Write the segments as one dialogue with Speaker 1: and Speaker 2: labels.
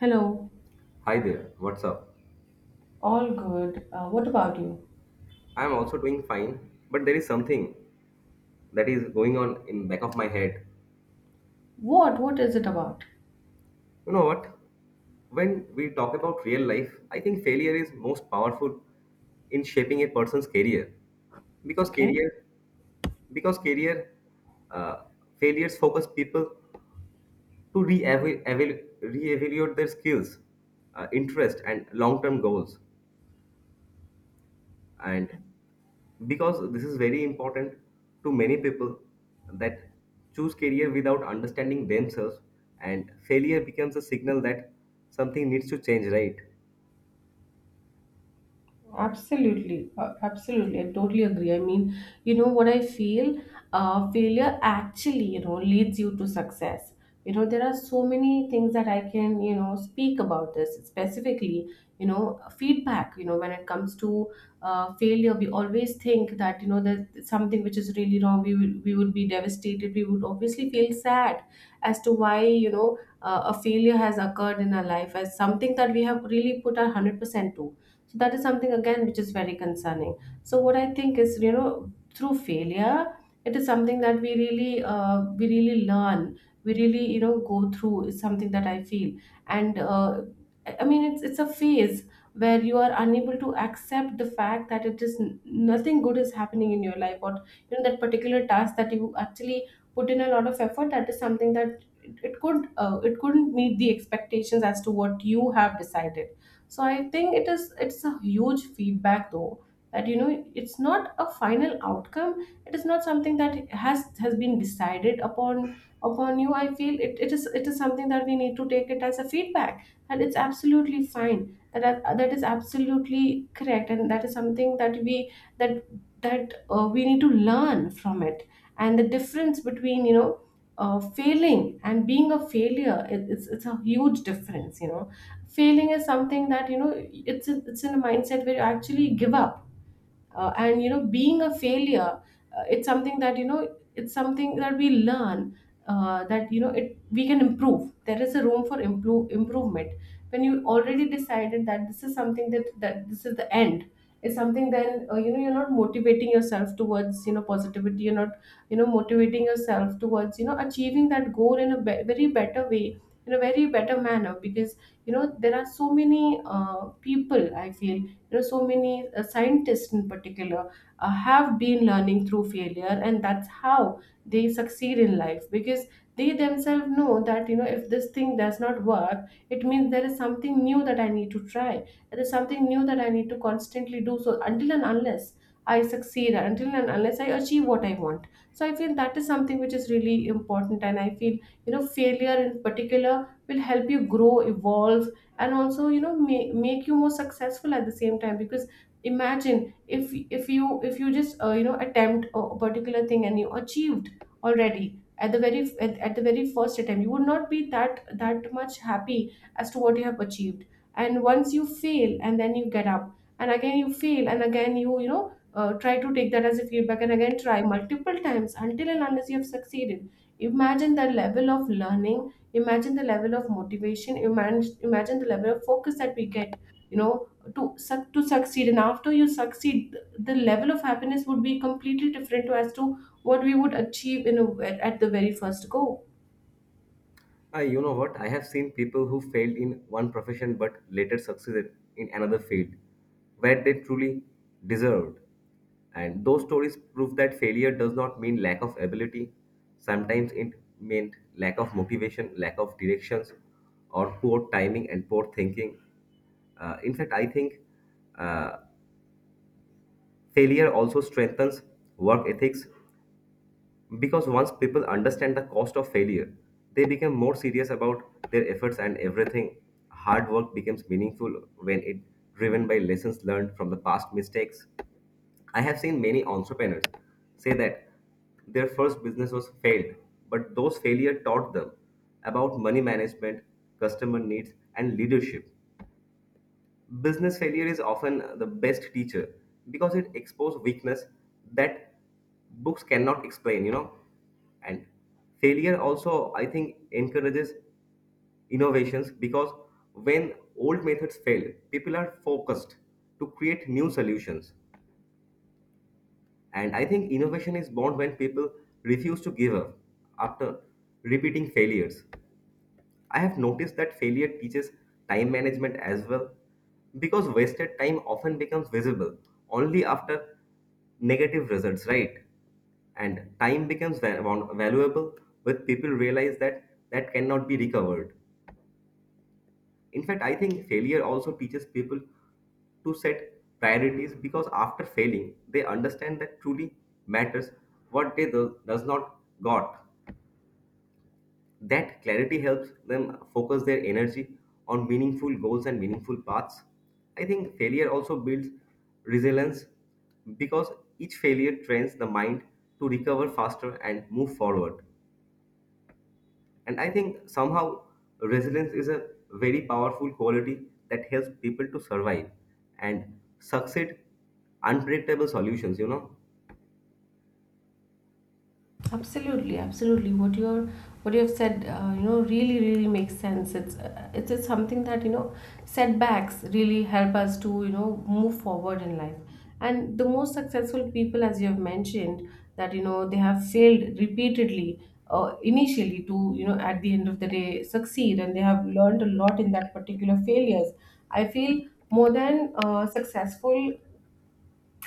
Speaker 1: Hello.
Speaker 2: Hi there, what's up?
Speaker 1: All good. What about you?
Speaker 2: I'm also doing fine, but there is something that is going on in back of my head.
Speaker 1: What? What is it about?
Speaker 2: You know what? When we talk about real life, I think failure is most powerful in shaping a person's career because
Speaker 1: Okay.
Speaker 2: career because career uh, failures focus people to re-evaluate their skills, interest, and long-term goals. And because this is very important to many people that choose career without understanding themselves and failure becomes a signal that something needs to change, right.
Speaker 1: Absolutely, absolutely. I totally agree. I mean, you know what I feel? Failure actually, leads you to success. You know, there are so many things that I can, speak about this specifically. You know, feedback. You know, when it comes to failure, we always think that you know there's something which is really wrong. We would be devastated. We would obviously feel sad as to why you know a failure has occurred in our life, as something that we have really put our 100% to. So that is something again which is very concerning. So what I think is, you know, through failure, it is something that we really learn. We really you know go through, is something that I feel. And. I mean, it's a phase where you are unable to accept the fact that nothing good is happening in your life, or you know that particular task that you actually put in a lot of effort. That is something that it could it couldn't meet the expectations as to what you have decided. So I think it is, it's a huge feedback though, that you know it's not a final outcome, it is not something that has been decided upon, upon you. I feel it is, it is something that we need to take it as a feedback, and it's absolutely fine, that that is absolutely correct, and that is something that we, that that we need to learn from it. And the difference between you know failing and being a failure, it's a huge difference, you know. Failing is something that you know, it's in a mindset where you actually give up. And you know being a failure, it's something that you know, it's something that we learn, that you know it we can improve, there is a room for improvement. When you already decided that this is something that this is the end is something, then you know you're not motivating yourself towards you know positivity, you're not you know motivating yourself towards you know achieving that goal in a very better way, in a very better manner. Because you know there are so many people I feel, you know, so many scientists in particular have been learning through failure, and that's how they succeed in life, because they themselves know that you know if this thing does not work, it means there is something new that I need to try, there is something new that I need to constantly do, so until and unless I succeed, until and unless I achieve what I want. So I feel that is something which is really important, and I feel you know failure in particular will help you grow, evolve, and also you know make you more successful at the same time. Because imagine if, if you just you know attempt a particular thing and you achieved already at the very, at the very first attempt, you would not be that much happy as to what you have achieved. And once you fail and then you get up, and again you fail, and again you you know try to take that as a feedback, and again try multiple times until and unless you have succeeded, imagine the level of learning, imagine the level of motivation, imagine the level of focus that we get, you know, to suc to succeed. And after you succeed, the level of happiness would be completely different to as to what we would achieve in at the very first go.
Speaker 2: You know what? I have seen people who failed in one profession but later succeeded in another field where they truly deserved. And those stories prove that failure does not mean lack of ability. Sometimes it meant lack of motivation, lack of directions, or poor timing and poor thinking. In fact, I think uh, failure also strengthens work ethics because once people understand the cost of failure, they become more serious about their efforts and everything. Hard work becomes meaningful when it driven by lessons learned from the past mistakes. I have seen many entrepreneurs say that their first business was failed, but those failure taught them about money management, customer needs, and leadership. Business failure is often the best teacher because it exposes weakness that books cannot explain, you know. And failure also, I think, encourages innovations because when old methods fail, people are focused to create new solutions. And I think innovation is born when people refuse to give up after repeating failures. I have noticed that failure teaches time management as well because wasted time often becomes visible only after negative results, right? And time becomes valuable when people realize that that cannot be recovered. In fact, I think failure also teaches people to set priorities because after failing, they understand that truly matters what they does not got. That clarity helps them focus their energy on meaningful goals and meaningful paths. I think failure also builds resilience because each failure trains the mind to recover faster and move forward. And I think somehow resilience is a very powerful quality that helps people to survive and succeed unpredictable solutions, you know.
Speaker 1: Absolutely, absolutely. What you have said, you know, really makes sense. It's just something that you know, setbacks really help us to you know move forward in life. And the most successful people, as you have mentioned, that you know they have failed repeatedly, initially, to you know at the end of the day succeed, and they have learned a lot in that particular failures. I feel more than successful,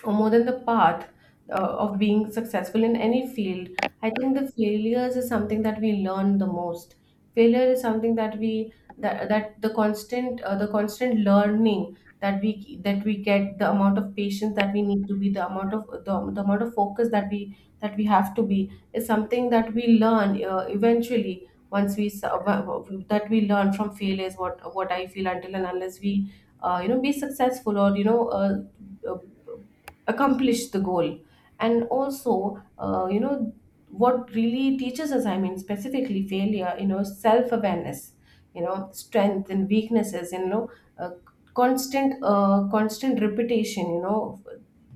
Speaker 1: or more than the path uh, of being successful in any field, I think the failures is something that we learn the most. Failure is something that we that the constant learning that we get, the amount of patience that we need to be, the amount of the amount of focus that we have to be, is something that we learn eventually once that we learn from failures. What I feel, until and unless we you know be successful, or you know uh, accomplish the goal. And also you know what really teaches us, I mean specifically failure, you know, self awareness, you know strength and weaknesses, and you know uh, constant constant repetition, you know,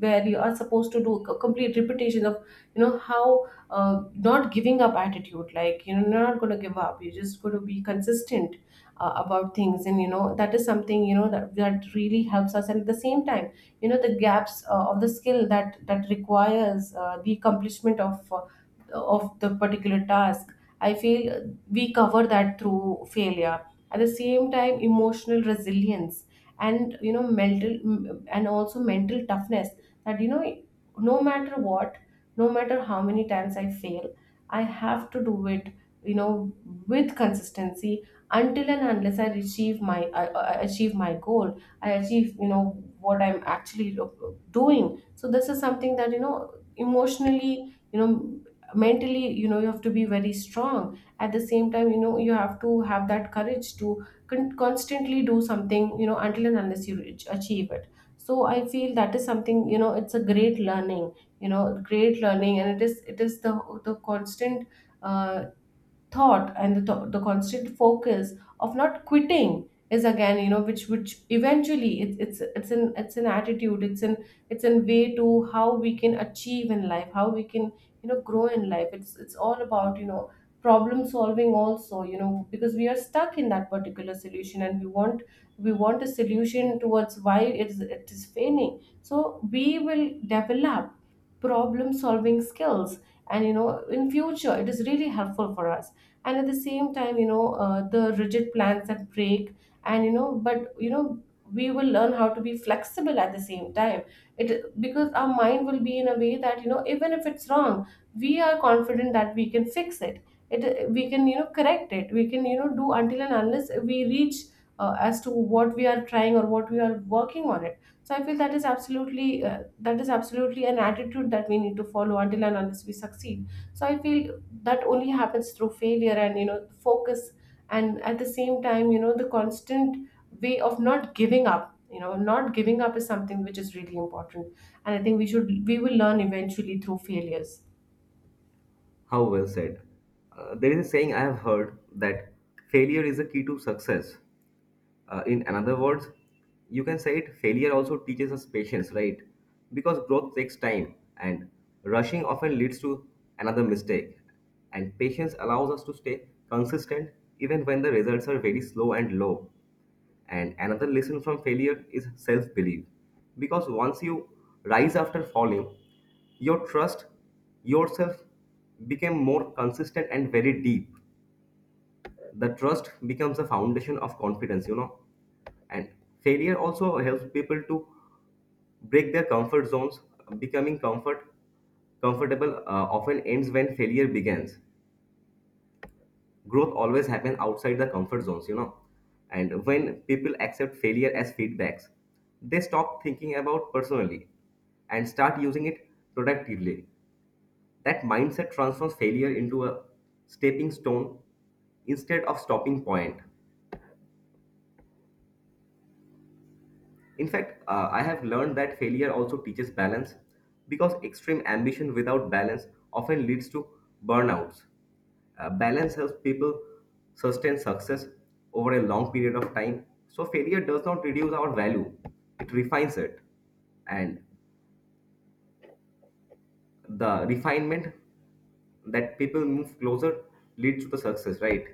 Speaker 1: where you are supposed to do a complete repetition of, you know, how not giving up attitude, like you know you're not going to give up, you're just going to be consistent about things. And you know that is something, you know that really helps us. And at the same time, you know, the gaps of the skill that requires the accomplishment of the particular task, I feel we cover that through failure. At the same time, emotional resilience, and you know and also mental toughness, that you know no matter what, no matter how many times I fail, I have to do it, you know, with consistency, until and unless I achieve I achieve my goal, I achieve you know what I'm actually doing. So this is something that you know, emotionally, you know, mentally, you know you have to be very strong. At the same time you know you have to have that courage to constantly do something, you know, until and unless you achieve it. So I feel that is something you know, it's a great learning, you know great learning. And it is the constant uh, thought, and the constant focus of not quitting, is again you know which eventually it's an attitude, it's an way to how we can achieve in life, how we can you know grow in life. It's all about you know problem solving also, you know, because we are stuck in that particular solution, and we want, we want a solution towards why it's it is failing. So we will develop problem solving skills, and you know, in future it is really helpful for us. And at the same time you know the rigid plans that break, and you know, but you know we will learn how to be flexible at the same time. It because our mind will be in a way that you know even if it's wrong, we are confident that we can fix it, we can you know correct it, we can you know do until and unless we reach as to what we are trying, or what we are working on it. So I feel that is absolutely an attitude that we need to follow until and unless we succeed. So I feel that only happens through failure, and you know focus, and at the same time you know the constant way of not giving up. You know, not giving up is something which is really important, and I think we will learn eventually through failures.
Speaker 2: How well said. There is a saying I have heard that failure is the key to success. In another words, you can say it failure also teaches us patience, right? Because growth takes time and rushing often leads to another mistake. And patience allows us to stay consistent even when the results are very slow and low. And another lesson from failure is self belief. Because once you rise after falling, your trust yourself became more consistent and very deep. The trust becomes a foundation of confidence, you know. And failure also helps people to break their comfort zones. Becoming comfortable often ends when failure begins. Growth always happens outside the comfort zones, you know. And when people accept failure as feedbacks, they stop thinking about personally and start using it productively. That mindset transforms failure into a stepping stone instead of stopping point. In fact, I have learned that failure also teaches balance because extreme ambition without balance often leads to burnouts. Balance helps people sustain success over a long period of time. So, failure does not reduce our value, it refines it. And the refinement that people move closer leads to the success, right?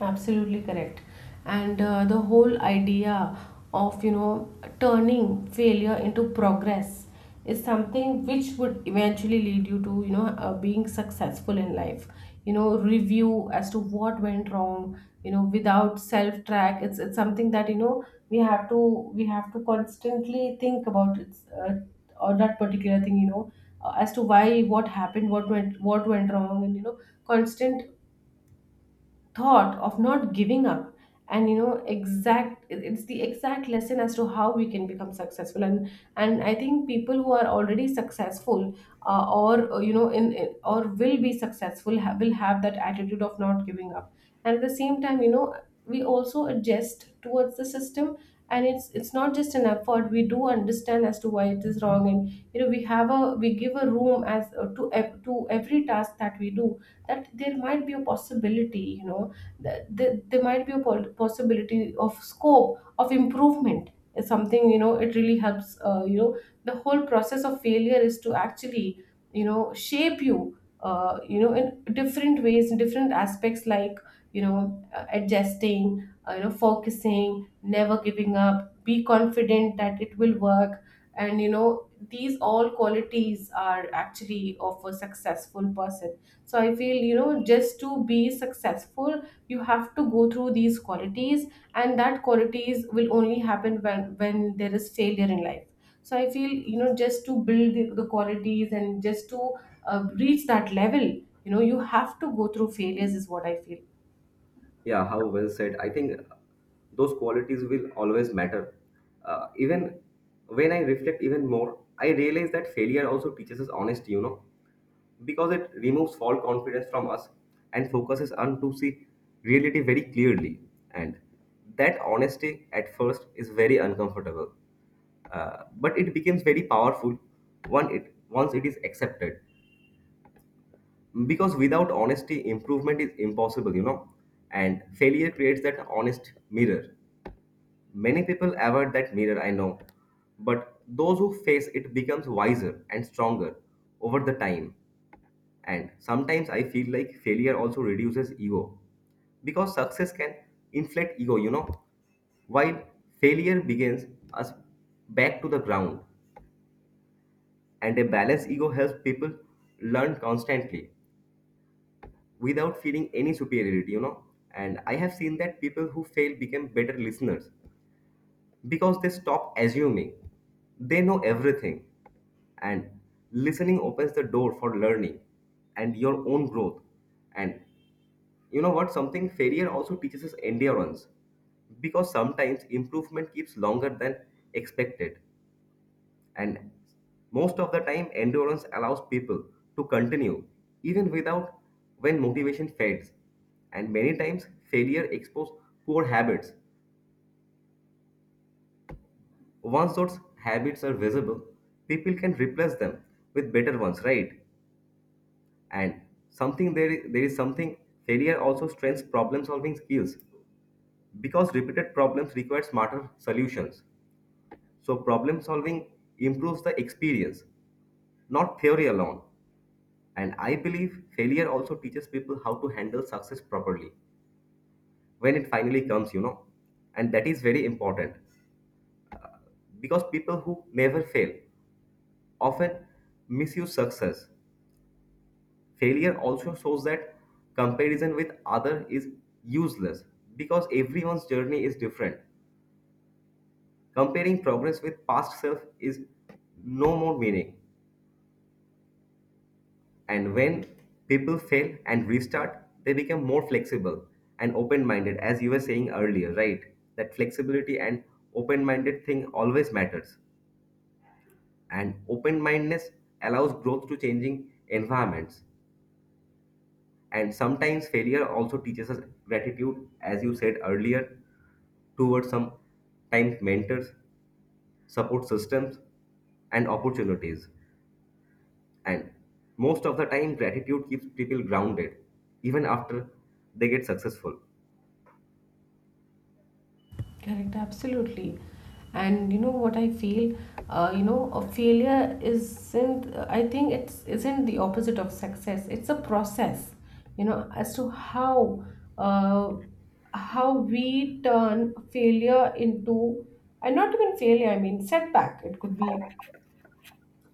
Speaker 1: Absolutely correct. And the whole idea of, you know, turning failure into progress, is something which would eventually lead you to, you know, being successful in life. You know, review as to what went wrong, you know, without self-track. It's something that, we have to constantly think about it's or that particular thing, as to why what happened, what went wrong, and constant thought of not giving up and it's the exact lesson as to how we can become successful, and And I think people who are already successful, or you know, or will be successful will have that attitude of not giving up. And at the same time, you know, we also adjust towards the system. And it's not just an effort. We do understand as to why it is wrong, and you know, we give a room, as to to every task that we do, that there might be a possibility, you know, that there might be a possibility of scope of improvement is something, you know, it really helps, you know, the whole process of failure is to actually, you know, shape you, you know, in different ways, in different aspects, like, you know, adjusting, you know, focusing, never giving up, be confident that it will work. And you know, these all qualities are actually of a successful person. So I feel, you know, just to be successful, you have to go through these qualities. And that qualities will only happen when there is failure in life. So I feel, you know, just to build the qualities and just to reach that level, you know, you have to go through failures is what I feel.
Speaker 2: Yeah, how well said. I think those qualities will always matter. Even when I reflect even more, I realize that failure also teaches us honesty, you know, because it removes false confidence from us and focuses on to see reality very clearly. And that honesty at first is very uncomfortable, but it becomes very powerful once it is accepted because without honesty improvement is impossible, you know. And failure creates that honest mirror. Many people avoid that mirror, I know, but those who face it becomes wiser and stronger over the time. And sometimes I feel like failure also reduces ego because success can inflate ego, you know, while failure begins us back to the ground. And a balanced ego helps people learn constantly without feeling any superiority, you know. And I have seen that people who fail become better listeners because they stop assuming they know everything. And listening opens the door for learning and your own growth. And you know what? Something failure also teaches us endurance because sometimes improvement keeps longer than expected. And most of the time endurance allows people to continue even without when motivation fades. And many times failure exposes poor habits. Once those habits are visible, people can replace them with better ones, right? And there is something, failure also strengthens problem solving skills because repeated problems require smarter solutions. So problem solving improves the experience, not theory alone. And I believe failure also teaches people how to handle success properly when it finally comes, you know. And that is very important because people who never fail often misuse success. Failure also shows that comparison with other is useless because everyone's journey is different. Comparing progress with past self is no more meaning. And when people fail and restart, they become more flexible and open minded, as you were saying earlier, right? That flexibility and open minded thing always matters. And open mindedness allows growth to changing environments. And sometimes failure also teaches us gratitude, as you said earlier, towards sometimes mentors, support systems, and opportunities. And most of the time, gratitude keeps people grounded even after they get successful.
Speaker 1: Correct, absolutely. And you know what I feel? You know, a failure isn't, I think it's isn't the opposite of success. It's a process, you know, as to how, uh, how we turn failure into, and not even failure, I mean setback. It could be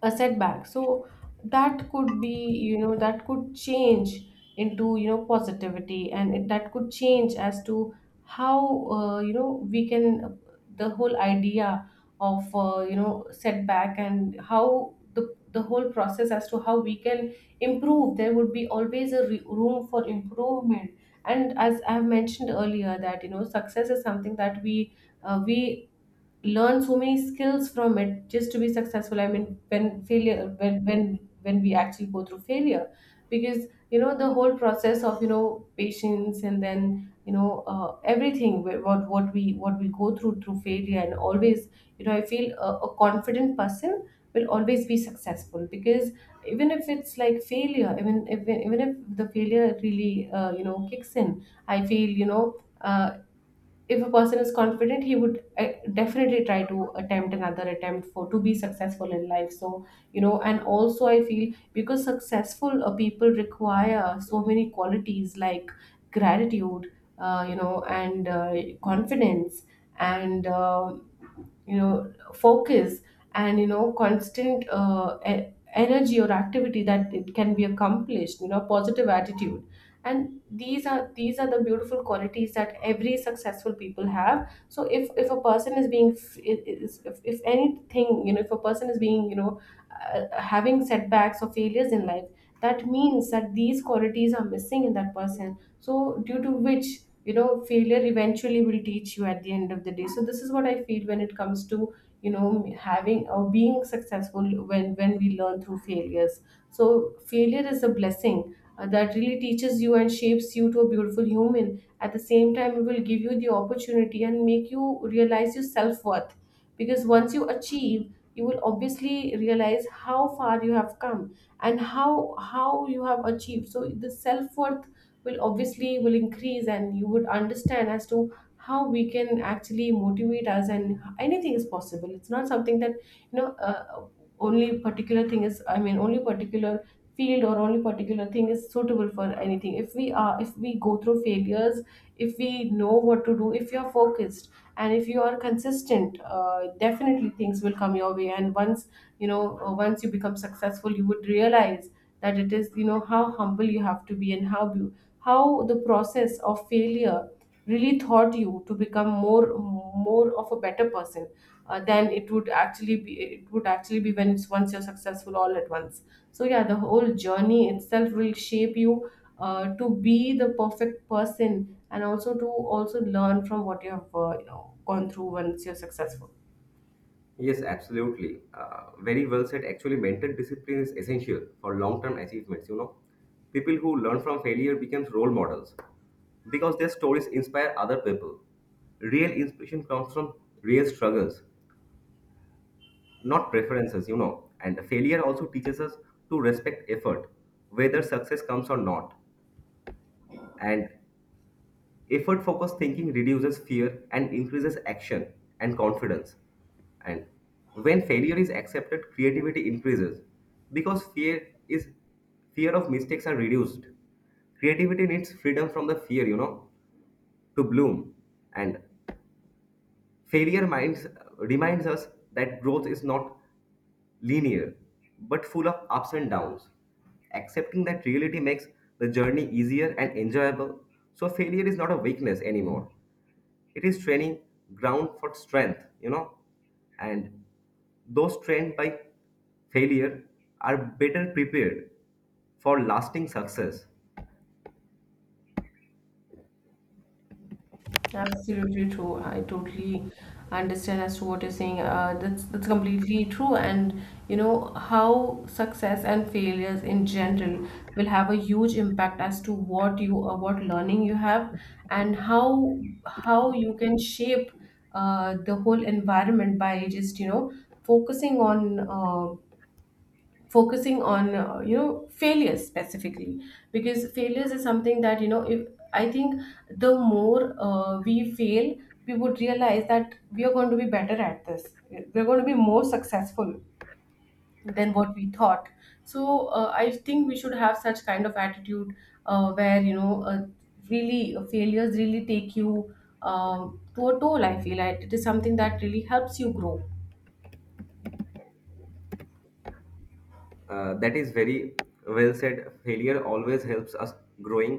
Speaker 1: a setback, so that could be, you know, that could change into, you know, positivity. And it, that could change as to how, you know, we can, the whole idea of, you know, setback, and how the whole process as to how we can improve, there would be always a room for improvement. And as I have mentioned earlier, that you know, success is something that we, we learn so many skills from it just to be successful. I mean, when failure, when when we actually go through failure, because you know, the whole process of, you know, patience, and then you know, everything, what we, what we go through failure. And always, you know, I feel a confident person will always be successful because, even if it's like failure, even if, even if the failure really, you know, kicks in, I feel, you know, if a person is confident, he would, definitely try to attempt another attempt for to be successful in life. So you know, and also I feel, because successful, people require so many qualities, like gratitude, you know, and confidence, and you know, focus, and you know, constant, energy or activity that it can be accomplished, you know, positive attitude. And these are the beautiful qualities that every successful people have. So if a person is being if anything, you know, if a person is being, you know, having setbacks or failures in life, that means that these qualities are missing in that person. So due to which, you know, failure eventually will teach you at the end of the day. So this is what I feel when it comes to, you know, having or being successful when we learn through failures. So failure is a blessing, that really teaches you and shapes you to a beautiful human. At the same time, it will give you the opportunity and make you realize your self worth. Because once you achieve, you will obviously realize how far you have come and how you have achieved. So the self worth will obviously will increase, and you would understand as to how we can actually motivate us, and anything is possible. It's not something that, you know, only particular thing is, I mean, only particular field or only particular thing is suitable for anything. If we are, if we go through failures, if we know what to do, if you are focused and if you are consistent, definitely things will come your way. And once, you know, once you become successful, you would realize that it is, you know, how humble you have to be, and how how the process of failure really thought you to become more of a better person, than it would actually be, when it's once you're successful all at once. So yeah, the whole journey itself will shape you, to be the perfect person, and also to also learn from what you have, you know, gone through once you're successful.
Speaker 2: Yes, absolutely. Very well said. Actually, mental discipline is essential for long-term achievements. You know, people who learn from failure becomes role models because their stories inspire other people. Real inspiration comes from real struggles, not preferences. You know, and failure also teaches us to respect effort, whether success comes or not. And effort focused thinking reduces fear and increases action and confidence. And when failure is accepted, creativity increases because fear of mistakes are reduced. Creativity needs freedom from the fear, you know, to bloom. And failure minds reminds us that growth is not linear but full of ups and downs. Accepting that reality makes the journey easier and enjoyable. So failure is not a weakness anymore, it is training ground for strength, you know. And those trained by failure are better prepared for lasting success.
Speaker 1: Absolutely true. I totally understand as to what you're saying. That's completely true. And you know how success and failures in general will have a huge impact as to what you, what learning you have, and how you can shape, the whole environment by just, you know, focusing on, focusing on you know, failures specifically, because failures is something that, you know, if I think the more, we fail, we would realize that we are going to be better at this. We're going to be more successful than what we thought. So I think we should have such kind of attitude, where, you know, really, failures really take you, to a toll. I feel like it is something that really helps you grow.
Speaker 2: Uh, that is very well said. Failure always helps us growing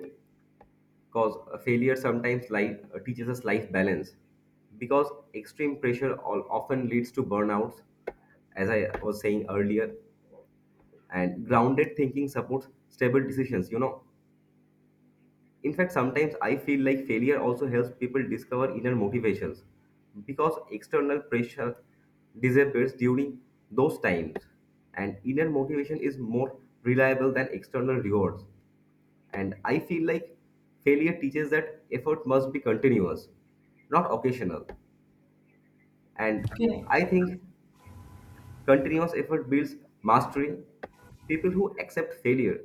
Speaker 2: because failure sometimes life teaches us life balance because extreme pressure often leads to burnouts, as I was saying earlier. And grounded thinking supports stable decisions, you know. In fact, sometimes I feel like failure also helps people discover inner motivations because external pressure disappears during those times, and inner motivation is more reliable than external rewards. And I feel like failure teaches that effort must be continuous, not occasional. And
Speaker 1: Okay.
Speaker 2: I think continuous effort builds mastery. People who accept failure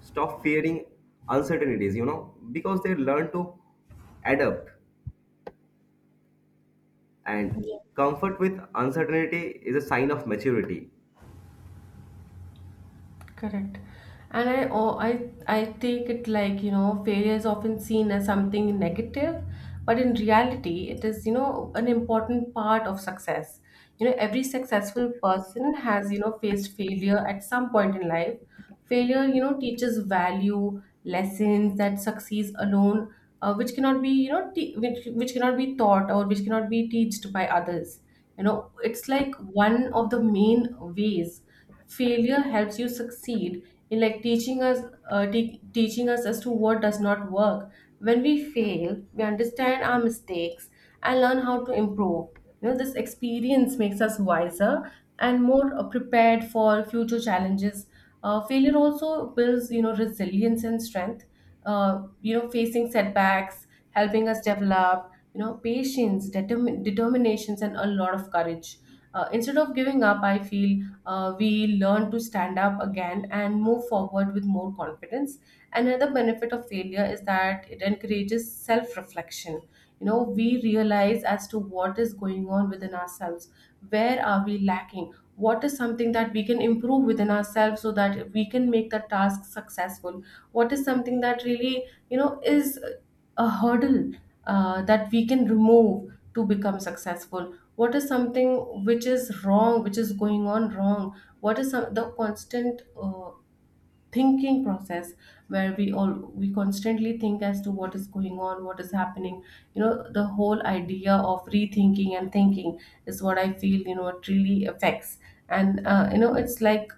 Speaker 2: stop fearing uncertainties, you know, because they learn to adapt. And comfort with uncertainty is a sign of maturity.
Speaker 1: Correct. And I, oh, I take it like, you know, failure is often seen as something negative, but in reality, it is, you know, an important part of success. You know, every successful person has, you know, faced failure at some point in life. Failure, you know, teaches value, lessons that succeeds alone, which cannot be, you know, which cannot be taught, or which cannot be taught by others. You know, it's like one of the main ways failure helps you succeed in like teaching us, teaching us as to what does not work. When we fail, we understand our mistakes and learn how to improve. You know, this experience makes us wiser and more, prepared for future challenges. Failure also builds, you know, resilience and strength, you know, facing setbacks, helping us develop, you know, patience, determinations, and a lot of courage. Instead of giving up, I feel we learn to stand up again and move forward with more confidence. Another benefit of failure is that it encourages self reflection. You know, we realize as to what is going on within ourselves, where are we lacking, what is something that we can improve within ourselves so that we can make the task successful, what is something that really, you know, is a hurdle, that we can remove to become successful. What is something which is wrong, which is going on wrong, what is some, the constant, thinking process, where we all, we constantly think as to what is going on, what is happening. You know, the whole idea of rethinking and thinking is what I feel, you know, it really affects. And you know, it's like,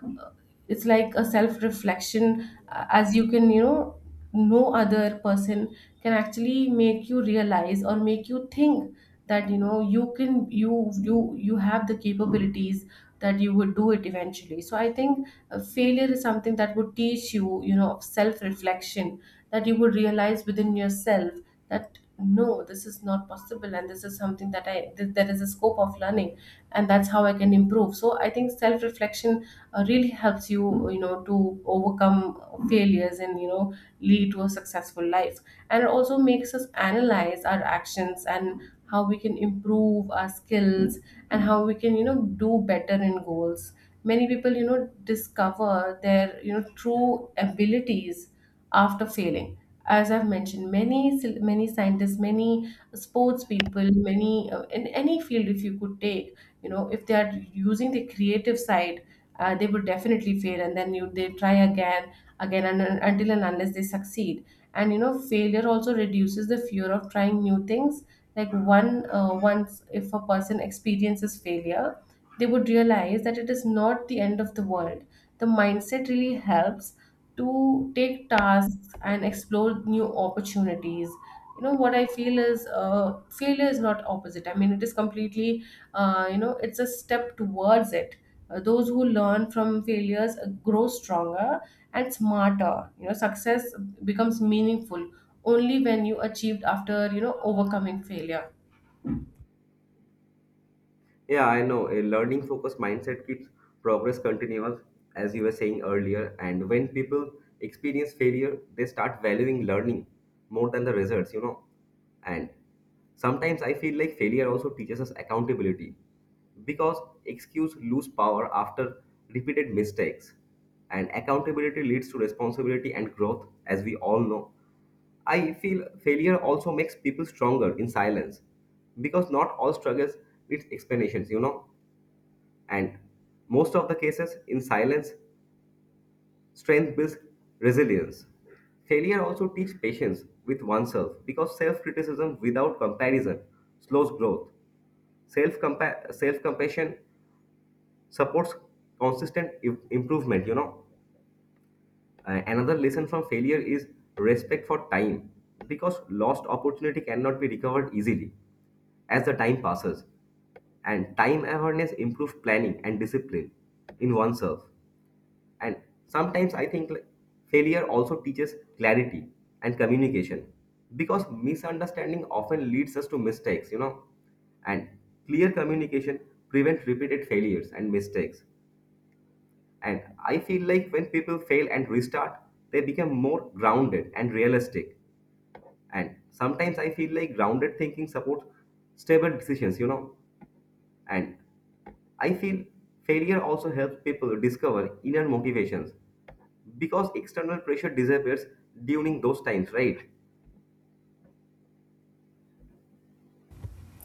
Speaker 1: it's like a self reflection, as you can, you know, no other person can actually make you realize or make you think that, you know, you can, you you have the capabilities, that you would do it eventually. So I think, failure is something that would teach you, you know, self reflection, that you would realize within yourself that no, this is not possible, and this is something that there is a scope of learning, and that's how I can improve. So I think self reflection, really helps you, you know, to overcome failures, and you know, lead to a successful life. And it also makes us analyze our actions and how we can improve our skills, and how we can, you know, do better in goals. Many people, you know, discover their, you know, true abilities after failing. As I've mentioned, many many scientists, many sports people, many, in any field, if you could take, you know, if they are using the creative side, they would definitely fail, and then you they try again, again, and until and unless they succeed. And you know, failure also reduces the fear of trying new things, like one, once if a person experiences failure, they would realize that it is not the end of the world. The mindset really helps to take tasks and explore new opportunities. You know what I feel is, failure is not opposite. I mean, it is completely, you know, it's a step towards it. Those who learn from failures, grow stronger and smarter. You know, success becomes meaningful only when you achieved after, you know, overcoming failure.
Speaker 2: Yeah, I know. A learning focused mindset keeps progress continuous, as you were saying earlier. And when people experience failure, they start valuing learning more than the results, you know. And sometimes I feel like failure also teaches us accountability because excuse lose power after repeated mistakes. And accountability leads to responsibility and growth, as we all know. I feel failure also makes people stronger in silence because not all struggles need explanations, you know. And most of the cases in silence, strength builds resilience. Failure also teaches patience with oneself because self criticism without comparison slows growth. Self Self compassion supports consistent improvement, you know. Another lesson from failure is respect for time because lost opportunity cannot be recovered easily as the time passes. And time awareness improves planning and discipline in oneself. And sometimes I think like, failure also teaches clarity and communication because misunderstanding often leads us to mistakes, you know. And clear communication prevents repeated failures and mistakes. And I feel like when people fail and restart, they become more grounded and realistic. And sometimes I feel like grounded thinking supports stable decisions, you know. And I feel failure also helps people discover inner motivations because external pressure disappears during those times, right?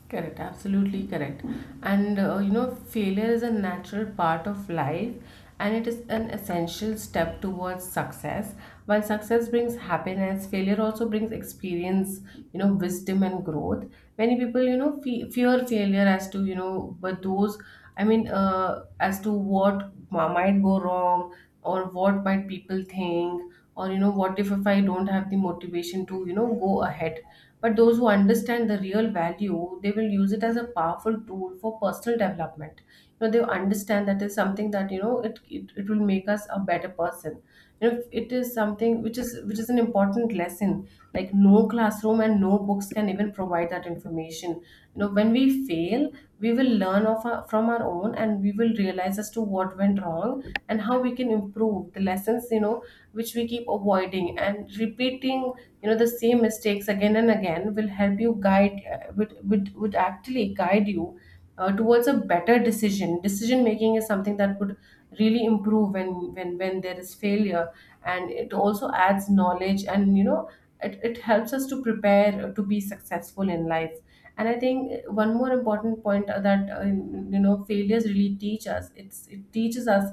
Speaker 1: Correct, absolutely correct. And you know, failure is a natural part of life, and it is an essential step towards success. While success brings happiness, failure also brings experience, you know, wisdom and growth. Many people, you know, fear failure as to, you know, but those, I mean, as to what might go wrong, or what might people think, or, you know, what if I don't have the motivation to, you know, go ahead, but those who understand the real value, they will use it as a powerful tool for personal development. You know, they understand that is something that, you know, it it will make us a better person. You know, it is something which is an important lesson. Like no classroom and no books can even provide that information. You know, when we fail, we will learn of our, from our own, and we will realize as to what went wrong and how we can improve the lessons, you know, which we keep avoiding and repeating, you know, the same mistakes again and again. Will help you guide, would actually guide you, towards a better decision. Decision making is something that would really improve when when there is failure. And it also adds knowledge, and you know, it helps us to prepare to be successful in life. And I think, one more important point, that you know, failures really teach us, it's, it teaches us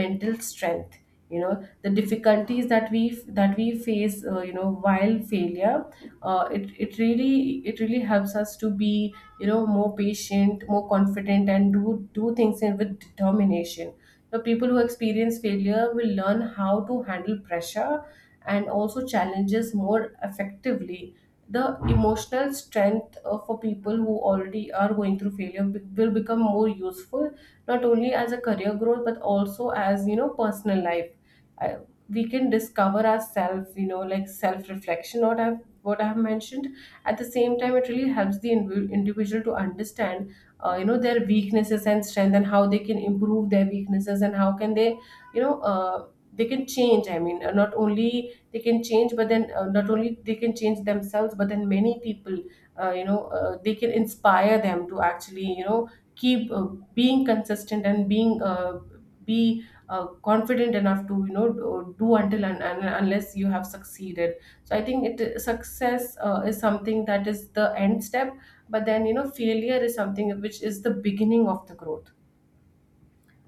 Speaker 1: mental strength. You know, the difficulties that we, that we face, you know, while failure, it it really helps us to be, you know, more patient, more confident, and do things in, with determination. The people who experience failure will learn how to handle pressure and also challenges more effectively. The emotional strength, for people who already are going through failure, will become more useful, not only as a career growth, but also as, you know, personal life. I, we can discover ourselves, you know, like self reflection, what I've mentioned. At the same time, it really helps the individual to understand, you know, their weaknesses and strength, and how they can improve their weaknesses, and how can they, you know uh, they can change. I mean, not only they can change, but then, not only they can change themselves, but then many people, they can inspire them to actually, you know, keep, being consistent, and being, be confident enough to, you know, do until and unless you have succeeded. So I think it, success, is something that is the end step, but then you know, failure is something which is the beginning of the growth.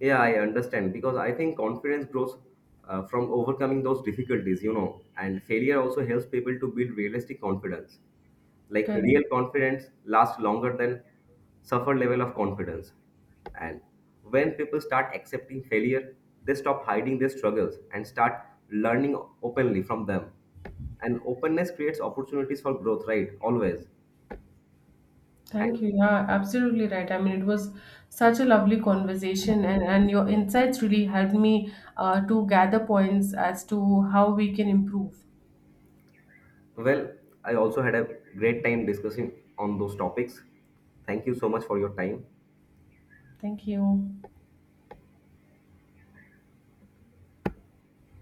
Speaker 2: Yeah, I understand because I think confidence grows from overcoming those difficulties, you know, and failure also helps people to build realistic confidence. Like real
Speaker 1: Correct.
Speaker 2: confidence lasts longer than suffer level of confidence. And when people start accepting failure, they stop hiding their struggles and start learning openly from them. And openness creates opportunities for growth, right? Always. And
Speaker 1: Thank you. Yeah, absolutely right. I mean, it was such a lovely conversation, and your insights really helped me, to gather points as to how we can improve.
Speaker 2: well, I also had a great time discussing on those topics. Thank you so much for your time.
Speaker 1: Thank you.